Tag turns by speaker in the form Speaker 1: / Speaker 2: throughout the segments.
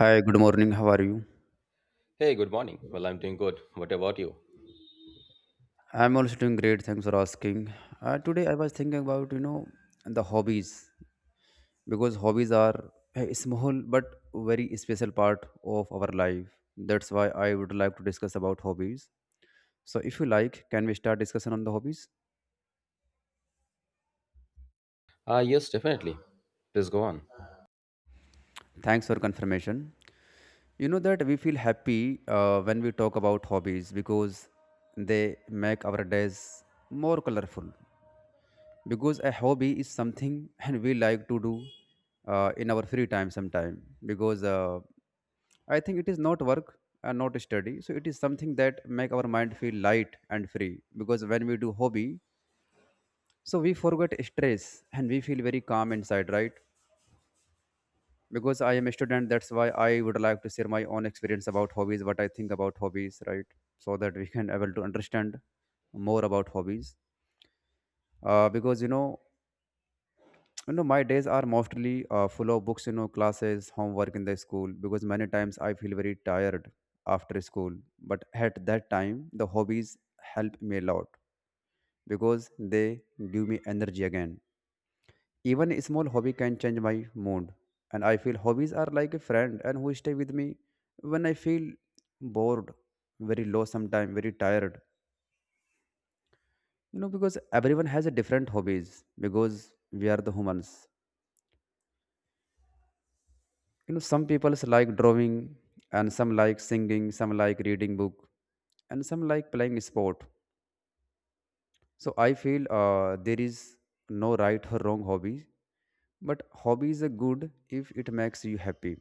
Speaker 1: Hi, good morning. How are you?
Speaker 2: Hey, good morning. Well, I'm doing good. What about you?
Speaker 1: I'm also doing great. Thanks for asking. Today I was thinking about the hobbies because hobbies are a small but very special part of our life. That's why I would like to discuss about hobbies. So if you like, can we start discussion on the hobbies?
Speaker 2: Yes, definitely. Please go on.
Speaker 1: Thanks for confirmation. You know that we feel happy when we talk about hobbies because they make our days more colorful because a hobby is something and we like to do in our free time sometime because I think it is not work and not study, so it is something that make our mind feel light and free because when we do hobby so we forget stress and we feel very calm inside, right? Because I am a student, that's why I would like to share my own experience about hobbies, what I think about hobbies, right? So that we can able to understand more about hobbies because my days are mostly full of books, you know, classes, homework in the school because many times I feel very tired after school, but at that time the hobbies help me a lot because they give me energy again. Even a small hobby can change my mood, and I feel hobbies are like a friend and who stay with me when I feel bored, very low sometime, very tired. You know, because everyone has a different hobbies because we are the humans. You know, some people like drawing and some like singing, some like reading book and some like playing sport. So I feel there is no right or wrong hobby, but hobby is good if it makes you happy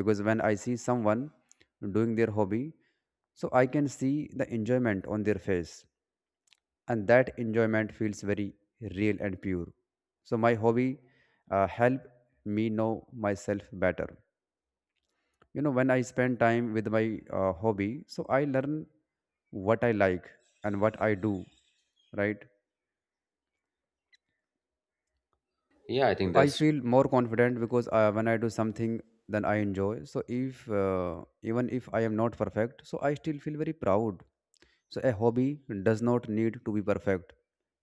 Speaker 1: because when I see someone doing their hobby so I can see the enjoyment on their face, and that enjoyment feels very real and pure. So my hobby help me know myself better. You know, when I spend time with my hobby so I learn what I like and what I do, right?
Speaker 2: Yeah, I
Speaker 1: So
Speaker 2: think
Speaker 1: I
Speaker 2: that's,
Speaker 1: feel more confident because when I do something then I enjoy. So if even if I am not perfect, so I still feel very proud. So a hobby does not need to be perfect.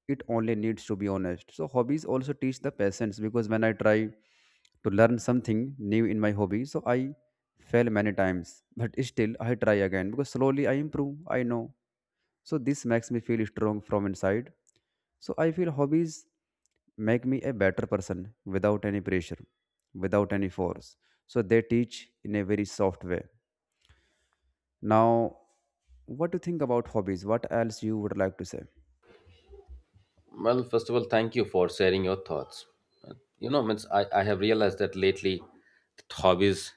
Speaker 1: It only needs to be honest. So hobbies also teach the patience because when I try to learn something new in my hobby, so I fail many times, but still I try again because slowly I improve, I know. So this makes me feel strong from inside, so I feel hobbies make me a better person without any pressure, without any force. So they teach in a very soft way. Now, what do you think about hobbies? What else you would like to say?
Speaker 2: well, first of all, thank you for sharing your thoughts. Means I have realized that lately that hobbies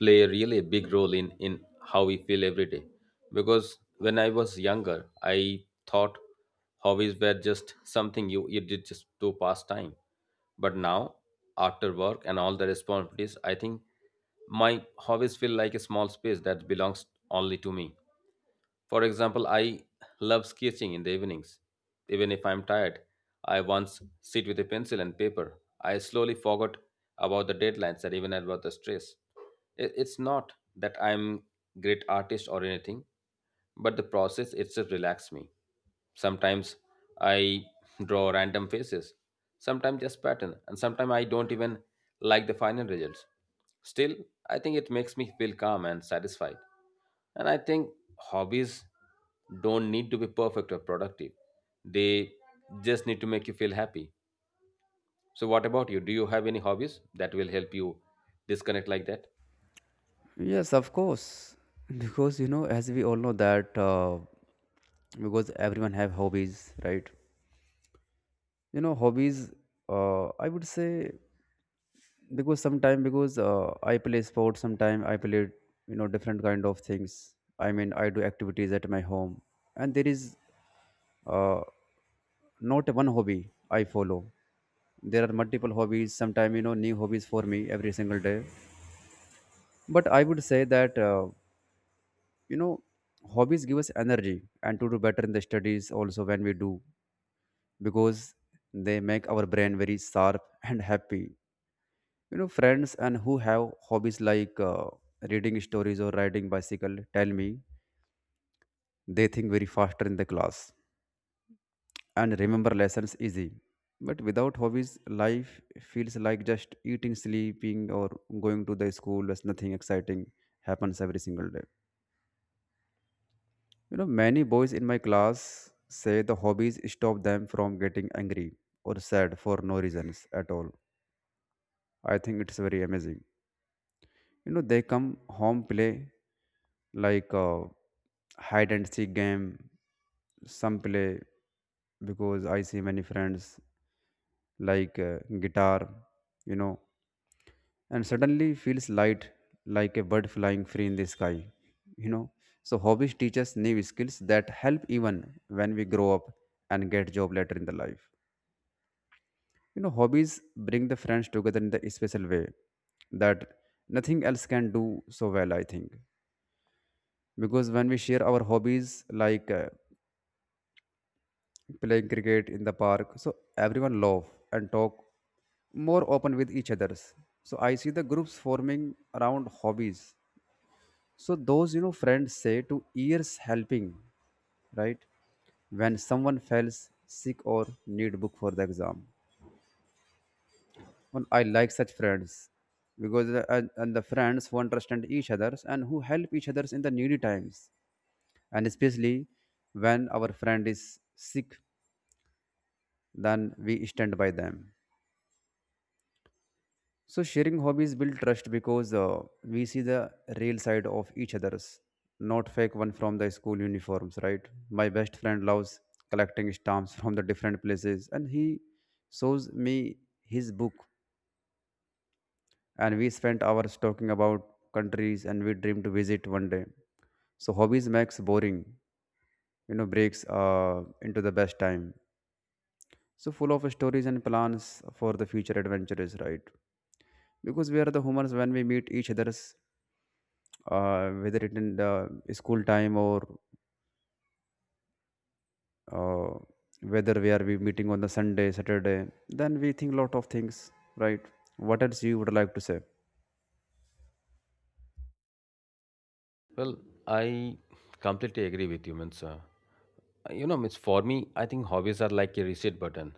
Speaker 2: play a really big role in how we feel every day. Because when I was younger, I thought hobbies were just something you did just to pass time. But now, after work and all the responsibilities, I think my hobbies feel like a small space that belongs only to me. For example, I love sketching in the evenings. Even if I'm tired, I once sit with a pencil and paper. I slowly forgot about the deadlines and even about the stress. It's not that I'm great artist or anything, but the process itself relaxes me. Sometimes I draw random faces, sometimes just pattern, and sometimes I don't even like the final results. Still, I think it makes me feel calm and satisfied. And I think hobbies don't need to be perfect or productive. They just need to make you feel happy. So, what about you? Do you have any hobbies that will help you disconnect like that?
Speaker 1: Yes, of course. Because you know, as we all know that because everyone have hobbies, right? You know, hobbies. I would say because sometime because I play sports, sometime I play, you know, different kind of things. I mean, I do activities at my home, and there is uh, not one hobby I follow. There are multiple hobbies, sometime you know new hobbies for me every single day. But I would say that you know, hobbies give us energy and to do better in the studies also when we do because they make our brain very sharp and happy. You know, friends and who have hobbies like reading stories or riding bicycle tell me they think very faster in the class and remember lessons easy. But without hobbies, life feels like just eating, sleeping, or going to the school, as nothing exciting happens every single day. You know, many boys in my class say the hobbies stop them from getting angry or sad for no reasons at all. I think it's very amazing. You know, they come home, play like hide and seek game, some play because I see many friends like guitar, you know, and suddenly feels light like a bird flying free in the sky, you know. So hobbies teach us new skills that help even when we grow up and get job later in the life. You know, hobbies bring the friends together in the special way that nothing else can do so well, I think, because when we share our hobbies like playing cricket in the park, so everyone laugh and talk more open with each others. So I see the groups forming around hobbies. So those, you know, friends say to ears helping, right, when someone fails sick or need book for the exam. And I like such friends because the, and the friends who understand each others and who help each others in the needy times, and especially when our friend is sick, then we stand by them. So sharing hobbies build trust because we see the real side of each other's, not fake one from the school uniforms, right? My best friend loves collecting stamps from the different places, and he shows me his book, and we spent hours talking about countries, and we dream to visit one day. So hobbies makes boring, you know, breaks into the best time. So full of stories and plans for the future adventures, right? Because we are the humans, when we meet each others whether it in the school time or uh, whether we meeting on the sunday, saturday, then we think lot of things, right? What else you would like to say?
Speaker 2: Well, I completely agree with you, means means for me, I think hobbies are like a reset button.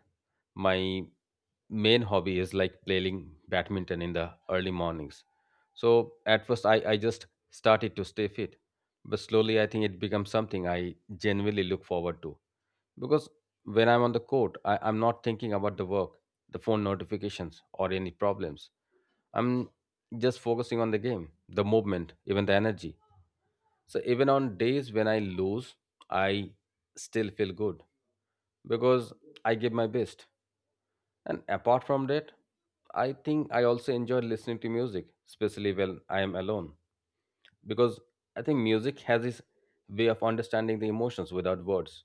Speaker 2: My main hobby is like playing badminton in the early mornings. So at first, I just started to stay fit, but slowly, I think it becomes something I genuinely look forward to. Because when I'm on the court, I'm not thinking about the work, the phone notifications, or any problems. I'm just focusing on the game, the movement, even the energy. So even on days when I lose, I still feel good because I give my best. And apart from that, I think I also enjoy listening to music, especially when I am alone, because I think music has this way of understanding the emotions without words.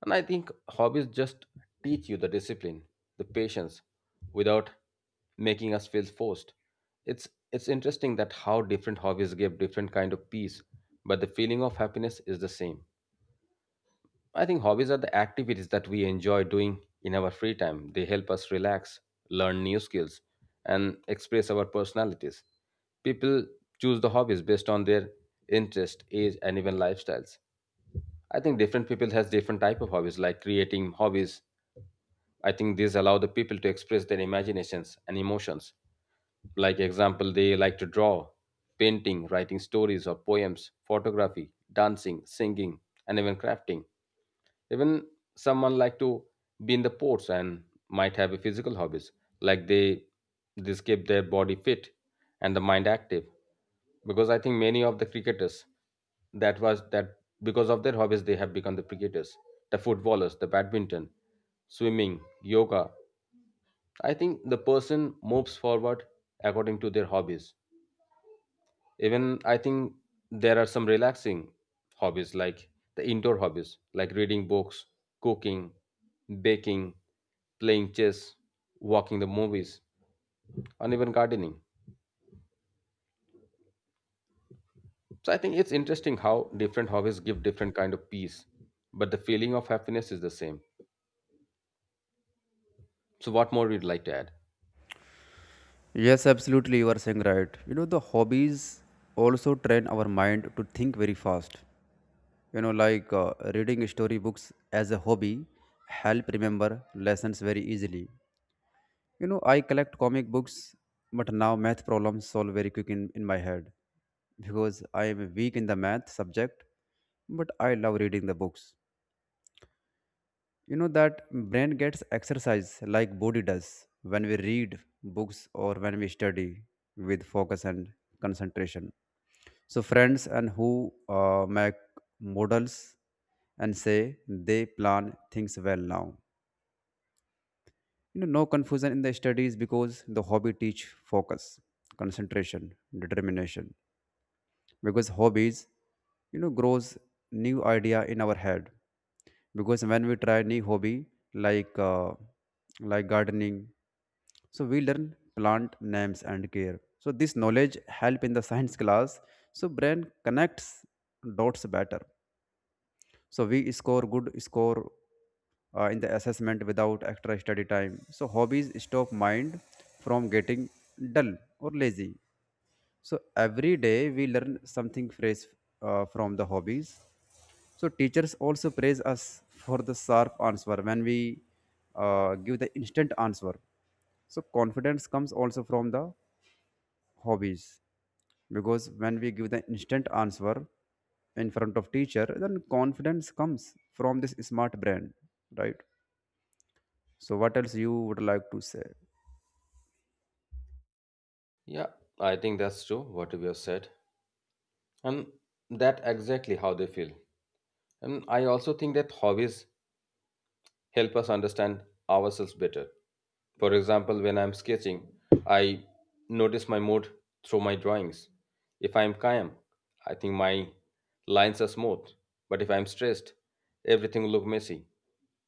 Speaker 2: And I think hobbies just teach you the discipline, the patience, without making us feel forced. It's interesting that how different hobbies give different kind of peace, but the feeling of happiness is the same. I think hobbies are the activities that we enjoy doing in our free time. They help us relax, learn new skills, and express our personalities. People choose the hobbies based on their interest, age, and even lifestyles. I think different people has different type of hobbies, like creating hobbies. I think these allow the people to express their imaginations and emotions. Like example, they like to draw, painting, writing stories or poems, photography, dancing, singing, and even crafting. Even someone like to be in the ports and might have a physical hobbies. Like they this keep their body fit and the mind active. Because I think many of the cricketers that was that because of their hobbies they have become the cricketers, the footballers, the badminton, swimming, yoga, I think the person moves forward according to their hobbies. Even I think there are some relaxing hobbies like the indoor hobbies like reading books, cooking, baking, playing chess, walking the movies, and even gardening. So I think it's interesting how different hobbies give different kind of peace, but the feeling of happiness is the same. So what more you'd like to add?
Speaker 1: Yes, absolutely, you are saying right. You know, the hobbies also train our mind to think very fast. You know, like reading story books as a hobby help remember lessons very easily. You know, I collect comic books, but now math problems solve very quick in my head because I am weak in the math subject, but I love reading the books. You know that brain gets exercise like body does when we read books or when we study with focus and concentration. So friends and who make models and say they plan things well now, you know, no confusion in the studies because the hobby teach focus, concentration, determination. Because hobbies, you know, grows new idea in our head because when we try new hobby like gardening, so we learn plant names and care, so this knowledge help in the science class. So brain connects dots better, so we score good score in the assessment without extra study time. So hobbies stop mind from getting dull or lazy. So every day we learn something fresh from the hobbies. So teachers also praise us for the sharp answer when we give the instant answer. So confidence comes also from the hobbies because when we give the instant answer in front of teacher, then confidence comes from this smart brain, right? So what else you would like to say?
Speaker 2: Yeah, I think that's true what you have said. And that exactly how they feel. And I also think that hobbies help us understand ourselves better. For example, when I'm sketching, I notice my mood through my drawings. If I'm calm, I think my lines are smooth. But if I'm stressed, everything will look messy.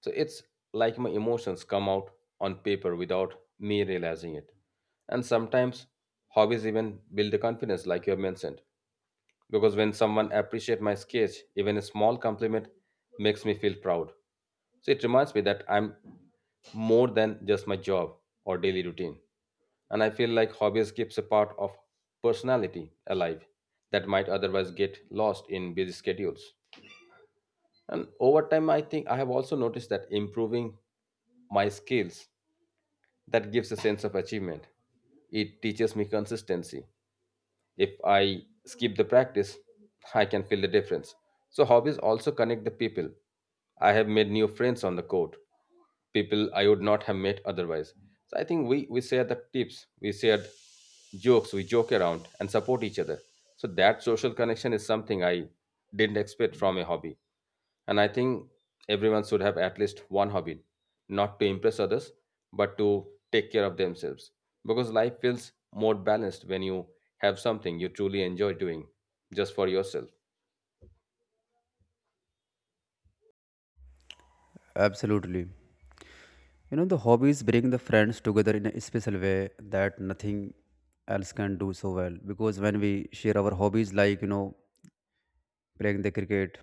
Speaker 2: So it's like my emotions come out on paper without me realizing it. And sometimes hobbies even build the confidence, like you have mentioned, because when someone appreciates my sketch, even a small compliment makes me feel proud. So it reminds me that I'm more than just my job or daily routine. And I feel like hobbies keeps a part of personality alive that might otherwise get lost in busy schedules. And over time, I think I have also noticed that improving my skills, that gives a sense of achievement. It teaches me consistency. If I skip the practice, I can feel the difference. So hobbies also connect the people. I have made new friends on the court, people I would not have met otherwise. So I think we share the tips, we share jokes, we joke around and support each other. So that social connection is something I didn't expect from a hobby. And I think everyone should have at least one hobby, not to impress others, but to take care of themselves. Because life feels more balanced when you have something you truly enjoy doing just for yourself.
Speaker 1: Absolutely. You know, the hobbies bring the friends together in a special way that nothing else can do so well. Because when we share our hobbies, like, you know, playing the cricket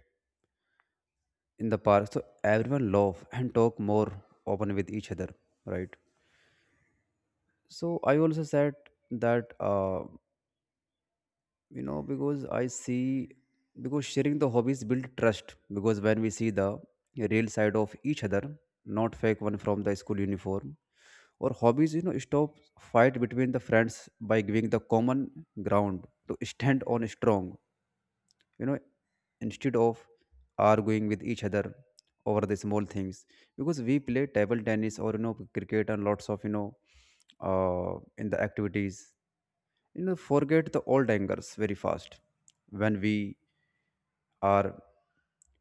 Speaker 1: in the park, so everyone laugh and talk more open with each other, right? So I also said that you know, because I see because sharing the hobbies build trust because when we see the real side of each other, not fake one from the school uniform. Or hobbies, you know, stop fight between the friends by giving the common ground to stand on strong. You know, instead of arguing with each other over the small things, because we play table tennis or, you know, cricket and lots of, you know, in the activities, you know, forget the old angers very fast when we are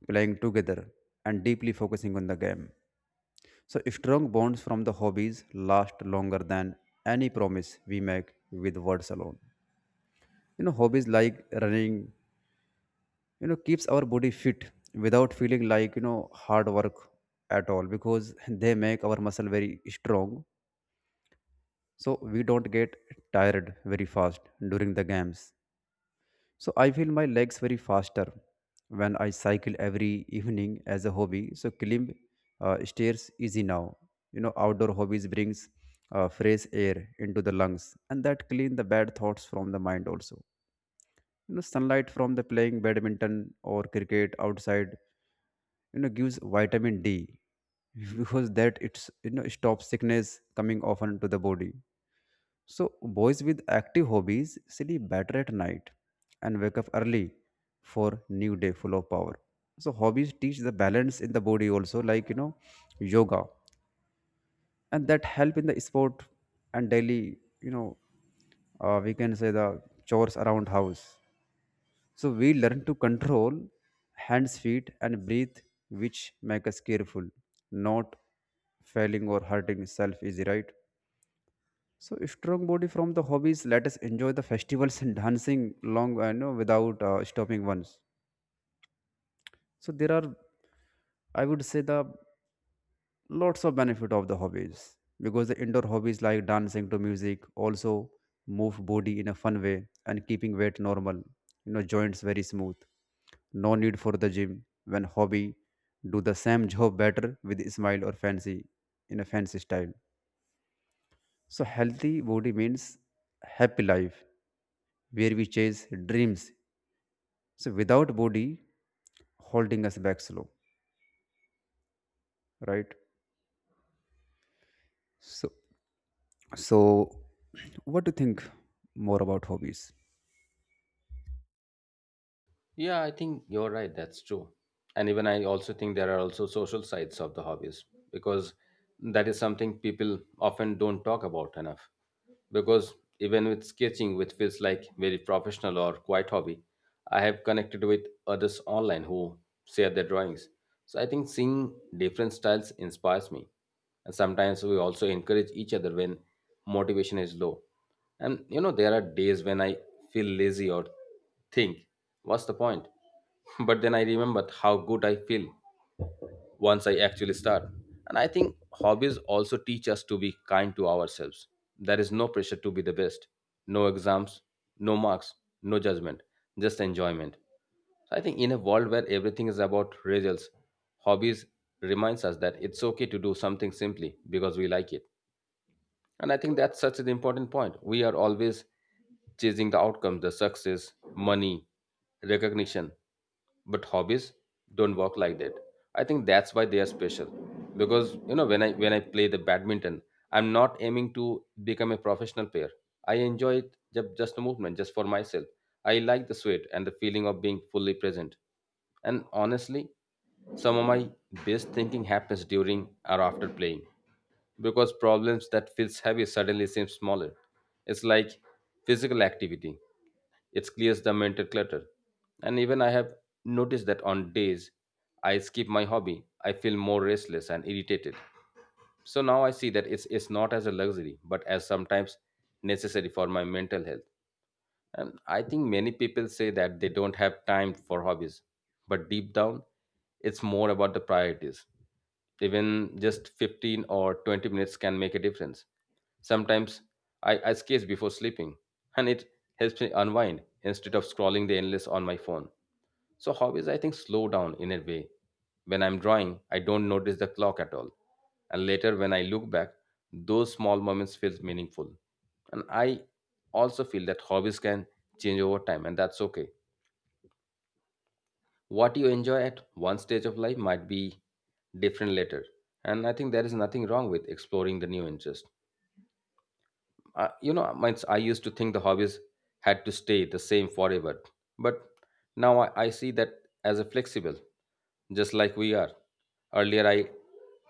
Speaker 1: playing together and deeply focusing on the game. So strong bonds from the hobbies last longer than any promise we make with words alone. You know, hobbies like running, you know, keeps our body fit without feeling like, you know, hard work at all because they make our muscle very strong, so we don't get tired very fast during the games. So I feel my legs very faster when I cycle every evening as a hobby. So climb stairs easy now. You know, outdoor hobbies brings fresh air into the lungs, and that clean the bad thoughts from the mind also. You know, sunlight from the playing badminton or cricket outside, you know, gives vitamin D because that it's, you know, stops sickness coming often to the body. So boys with active hobbies sleep better at night and wake up early for new day full of power. So hobbies teach the balance in the body also, like, you know, yoga, and that help in the sport and daily, you know, we can say the chores around house. So, we learn to control hands, feet, and breathe, which make us careful, not failing or hurting self easy, right? So strong body from the hobbies. Let us enjoy the festivals and dancing long, I know, without stopping once. So there are, I would say, the lots of benefit of the hobbies because the indoor hobbies like dancing to music also move body in a fun way and keeping weight normal. You know, joints very smooth. No need for the gym. When hobby, do the same job better with a smile or fancy in a fancy style. So, healthy body means happy life where we chase dreams. So, without body holding us back slow, right? So, so what do you think more about hobbies?
Speaker 2: Yeah, I think you're right. That's true. And even I also think there are also social sides of the hobbies, because that is something people often don't talk about enough. Because even with sketching, which feels like very professional or quite hobby, I have connected with others online who share their drawings. So I think seeing different styles inspires me, and sometimes we also encourage each other when motivation is low. And there are days when I feel lazy or think, what's the point? But then I remembered how good I feel once I actually start. And I think hobbies also teach us to be kind to ourselves. There is no pressure to be the best, no exams, no marks, no judgment, just enjoyment. So I think in a world where everything is about results, hobbies reminds us that it's okay to do something simply because we like it. And I think that's such an important point. We are always chasing the outcomes, the success, money, recognition. But hobbies don't work like that. I think that's why they are special. Because when I play the badminton, I'm not aiming to become a professional player. I enjoy it just a movement, just for myself. I like the sweat and the feeling of being fully present. And honestly, some of my best thinking happens during or after playing, because problems that feels heavy suddenly seem smaller. It's like physical activity. It clears the mental clutter. And even I have noticed that on days I skip my hobby, I feel more restless and irritated. So now I see that it's not as a luxury, but as sometimes necessary for my mental health. And I think many people say that they don't have time for hobbies, but deep down, it's more about the priorities. Even just 15 or 20 minutes can make a difference. Sometimes I sketch before sleeping, and it helps me unwind instead of scrolling the endless on my phone. So hobbies, I think, slow down in a way. When I'm drawing, I don't notice the clock at all. And later, when I look back, those small moments feel meaningful. And I also feel that hobbies can change over time, and that's okay. What you enjoy at one stage of life might be different later. And I think there is nothing wrong with exploring the new interest. I used to think the hobbies had to stay the same forever, but now I see that as a flexible, just like we are. Earlier I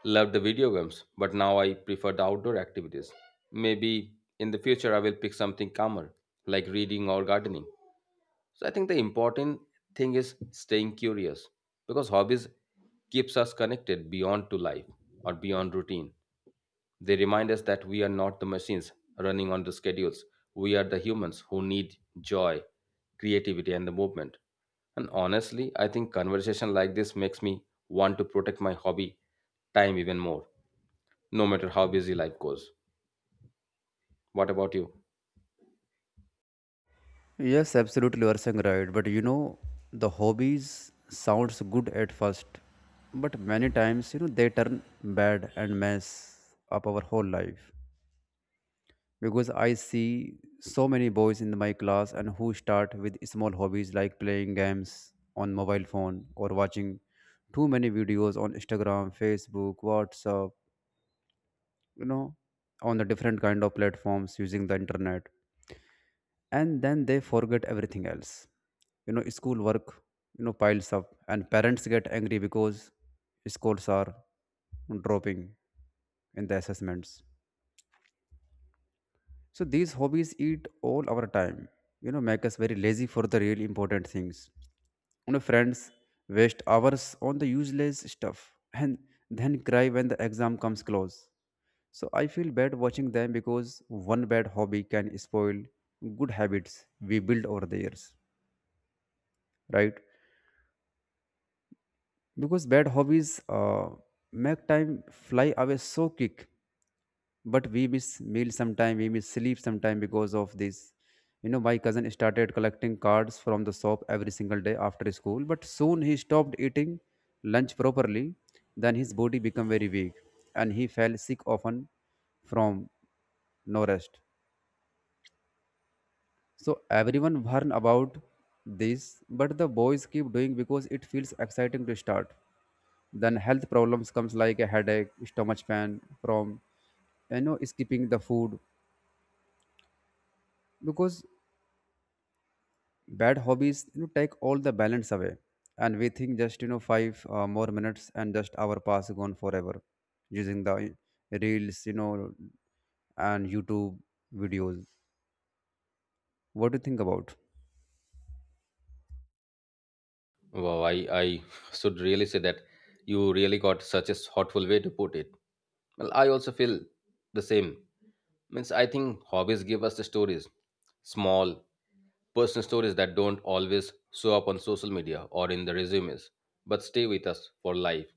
Speaker 2: loved the video games, but now I prefer the outdoor activities. Maybe in the future I will pick something calmer, like reading or gardening. So I think the important thing is staying curious, because hobbies keeps us connected beyond to life or beyond routine. They remind us that we are not the machines running on the schedules. We are the humans who need joy, creativity, and the movement. And honestly, I think conversation like this makes me want to protect my hobby time even more, no matter how busy life goes. What about you?
Speaker 1: Yes, absolutely, you are saying right. But you know, the hobbies sounds good at first, but many times you know they turn bad and mess up our whole life. Because I see so many boys in my class and who start with small hobbies like playing games on mobile phone or watching too many videos on Instagram, Facebook, WhatsApp, you know, on the different kind of platforms using the internet and then they forget everything else. You know, school work, you know, piles up and parents get angry because scores are dropping in the assessments. So these hobbies eat all our time, you know, make us very lazy for the real important things. You know, friends waste hours on the useless stuff and then cry when the exam comes close. So I feel bad watching them because one bad hobby can spoil good habits we build over the years, right? Because bad hobbies make time fly away so quick, but we miss meals sometime, we miss sleep sometime because of this. You know, my cousin started collecting cards from the shop every single day after school, but soon he stopped eating lunch properly. Then his body became very weak and he fell sick often from no rest. So everyone warn about this, but the boys keep doing because it feels exciting to start. Then health problems comes like a headache, stomach pain from, you know, skipping the food, because bad hobbies, you know, take all the balance away. And we think just, you know, five more minutes and just our pass gone forever, using the reels, you know, and youtube videos. What do you think about?
Speaker 2: Wow, I should really say that you really got such a thoughtful way to put it. Well, I also feel the same. Means I think hobbies give us the stories, small personal stories that don't always show up on social media or in the resumes, but stay with us for life.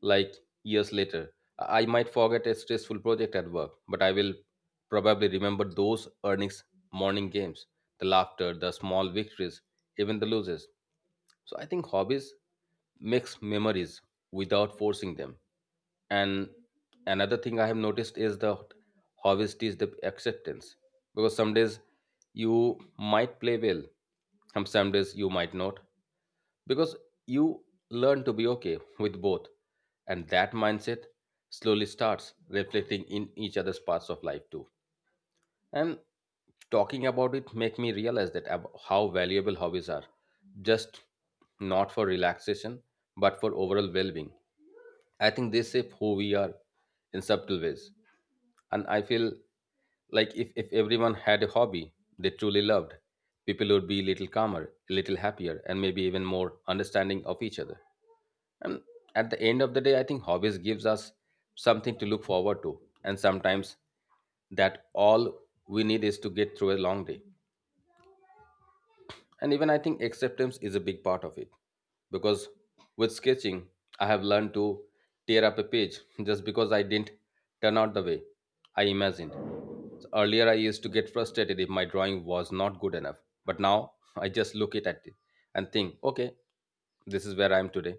Speaker 2: Like years later, I might forget a stressful project at work, but I will probably remember those earnings morning games, the laughter, the small victories, even the losses. So I think hobbies makes memories without forcing them. And another thing I have noticed is the hobbies teach the acceptance, because some days you might play well, and some days you might not, because you learn to be okay with both, and that mindset slowly starts reflecting in each other's parts of life too. And talking about it make me realize that how valuable hobbies are, just not for relaxation, but for overall well-being. I think they shape who we are in subtle ways. And I feel like if everyone had a hobby they truly loved, people would be a little calmer, a little happier, and maybe even more understanding of each other. And at the end of the day, I think hobbies gives us something to look forward to, and sometimes that all we need is to get through a long day. And even I think acceptance is a big part of it. Because with sketching, I have learned to tear up a page just because I didn't turn out the way I imagined. So earlier, I used to get frustrated if my drawing was not good enough. But now I just look it at it and think, okay, this is where I am today.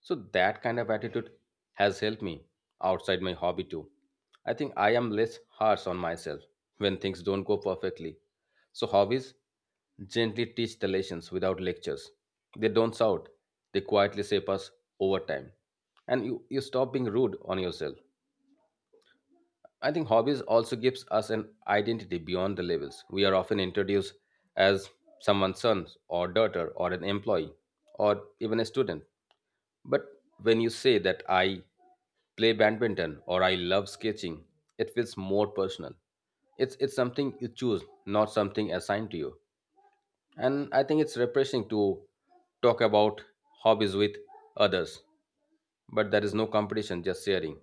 Speaker 2: So that kind of attitude has helped me outside my hobby too. I think I am less harsh on myself when things don't go perfectly. So hobbies gently teach the lessons without lectures. They don't shout, they quietly shape us over time. And you stop being rude on yourself. I think hobbies also gives us an identity beyond the labels. We are often introduced as someone's son or daughter or an employee or even a student. But when you say that I play badminton or I love sketching, it feels more personal. It's something you choose, not something assigned to you. And I think it's refreshing to talk about hobbies with others. But there is no competition, just sharing.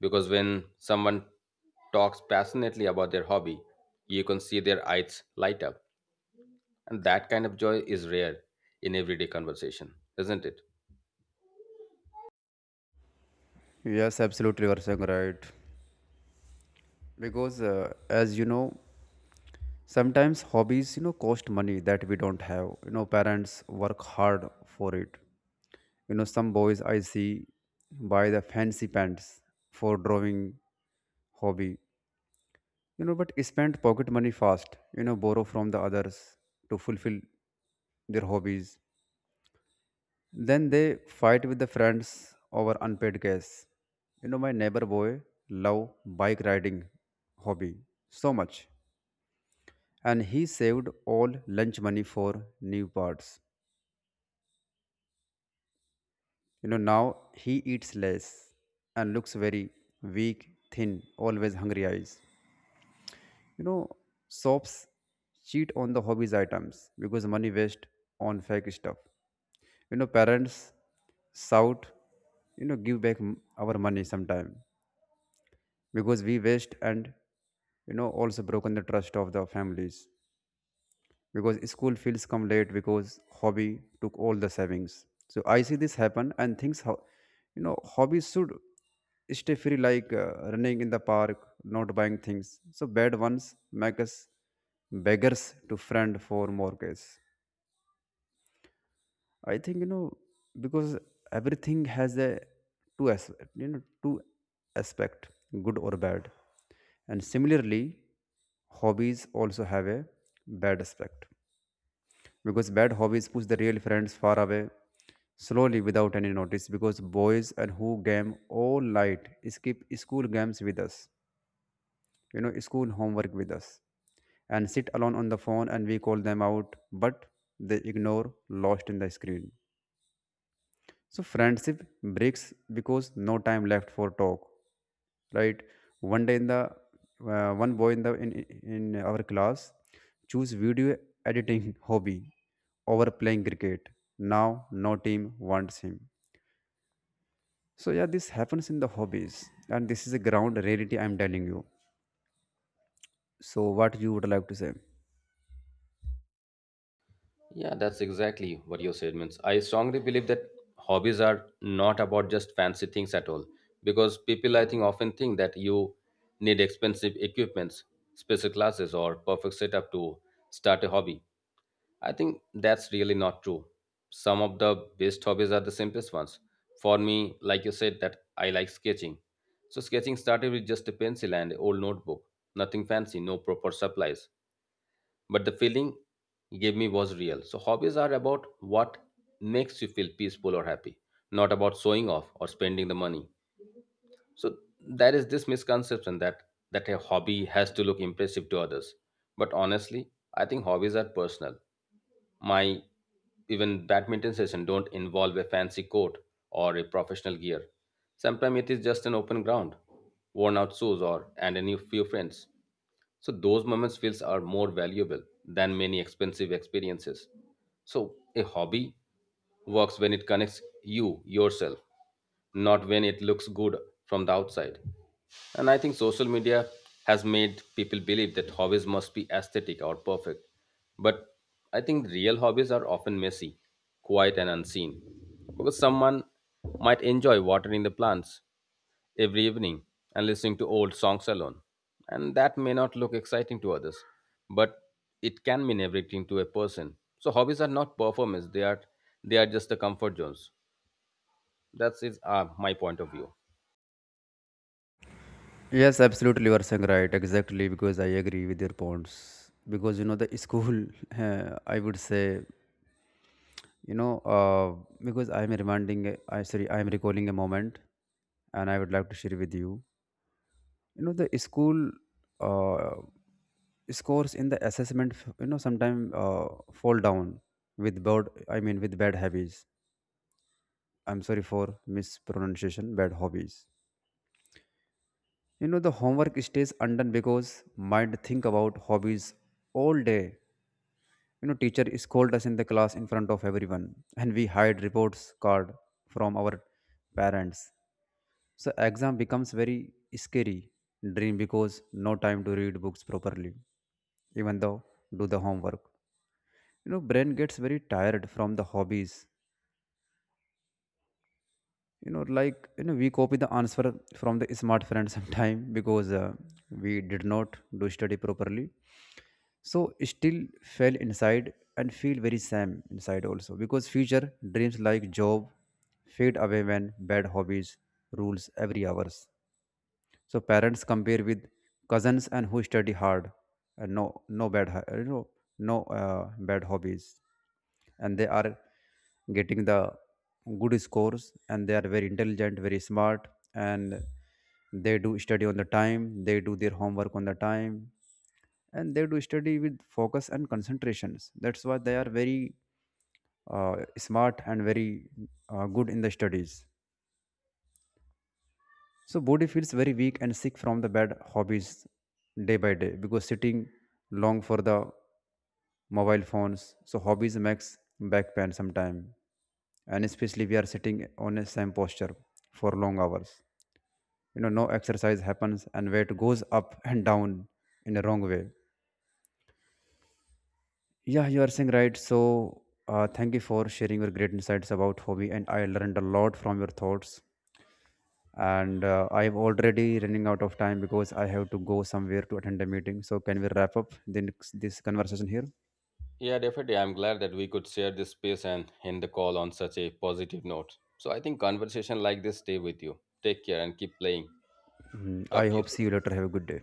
Speaker 2: Because when someone talks passionately about their hobby, you can see their eyes light up. And that kind of joy is rare in everyday conversation, isn't it?
Speaker 1: Yes, absolutely, you are saying right. Because as you know, sometimes hobbies, you know, cost money that we don't have. You know, parents work hard for it. You know, some boys I see buy the fancy pants for drawing hobby. You know, but spend pocket money fast, you know, borrow from the others to fulfill their hobbies. Then they fight with the friends over unpaid gas. You know, my neighbor boy love bike riding hobby so much. And he saved all lunch money for new parts. You know, now he eats less and looks very weak, thin, always hungry eyes. You know, shops cheat on the hobbies items because money waste on fake stuff. You know, parents shout, you know, give back our money sometime because we waste and, you know, also broken the trust of the families because school feels come late because hobby took all the savings. So I see this happen and things how, you know, hobbies should stay free like running in the park, not buying things. So bad ones make us beggars to friend for more case. I think, you know, because everything has a two, as you know, two aspect, good or bad, and similarly hobbies also have a bad aspect, because bad hobbies push the real friends far away slowly without any notice, because boys and who game all night skip school games with us, you know, school homework with us, and sit alone on the phone and we call them out, but they ignore lost in the screen. So friendship breaks because no time left for talk, right? One day in the one boy in the in our class choose video editing hobby over playing cricket. Now no team wants him. So yeah, this happens in the hobbies, and this is a ground reality I'm telling you. So what you would like to say?
Speaker 2: Yeah, that's exactly what your statements. I strongly believe that hobbies are not about just fancy things at all, because people I think often think that you need expensive equipments, special classes, or perfect setup to start a hobby. I think that's really not true. Some of the best hobbies are the simplest ones. For me, like you said, that I like sketching. So sketching started with just a pencil and an old notebook. Nothing fancy, no proper supplies, but the feeling he gave me was real. So hobbies are about what makes you feel peaceful or happy, not about showing off or spending the money. So there is this misconception that a hobby has to look impressive to others. But honestly, I think hobbies are personal. My even badminton session don't involve a fancy court or a professional gear. Sometimes it is just an open ground, worn out shoes or and a new few friends. So those moments feels are more valuable than many expensive experiences. So a hobby works when it connects you yourself, not when it looks good from the outside. And I think social media has made people believe that hobbies must be aesthetic or perfect. But I think real hobbies are often messy, quiet, and unseen. Because someone might enjoy watering the plants every evening and listening to old songs alone. And that may not look exciting to others, but it can mean everything to a person. So hobbies are not performance; they are just the comfort zones. That's is my point of view.
Speaker 1: Yes, absolutely, you are saying right. Exactly, because I agree with your points. Because you know the school, I would say, you know, because I am reminding, a- I sorry, I am recalling a moment, and I would like to share with you. You know, the school uh, scores in the assessment, you know, sometimes fall down with bad. I mean, with bad habits. I'm sorry for mispronunciation. Bad hobbies. You know, the homework stays undone because mind think about hobbies all day. You know, teacher scold us in the class in front of everyone and we hide reports card from our parents. So exam becomes very scary dream because no time to read books properly, even though do the homework. You know, brain gets very tired from the hobbies. You know, like, you know, we copy the answer from the smart friend sometime because we did not do study properly. So still fell inside and feel very same inside also because future dreams like job fade away when bad hobbies rules every hours. So parents compare with cousins and who study hard and no bad you know, no bad hobbies, and they are getting the good scores and they are very intelligent, very smart, and they do study on the time, they do their homework on the time, and they do study with focus and concentrations. That's why they are very smart and very good in the studies. So body feels very weak and sick from the bad hobbies day by day because sitting long for the mobile phones. So hobbies makes back pain sometime, and especially we are sitting on a same posture for long hours. You know, no exercise happens and weight goes up and down in a wrong way. Yeah, you are saying right. So, thank you for sharing your great insights about hobby, and I learned a lot from your thoughts. And I'm already running out of time because I have to go somewhere to attend a meeting. So, can we wrap up then this conversation here?
Speaker 2: Yeah, definitely. I'm glad that we could share this space and end the call on such a positive note. So I think conversation like this stay with you. Take care and keep playing.
Speaker 1: Mhm.
Speaker 2: Talk
Speaker 1: I
Speaker 2: to you
Speaker 1: hope
Speaker 2: soon.
Speaker 1: see you later. Have a good day.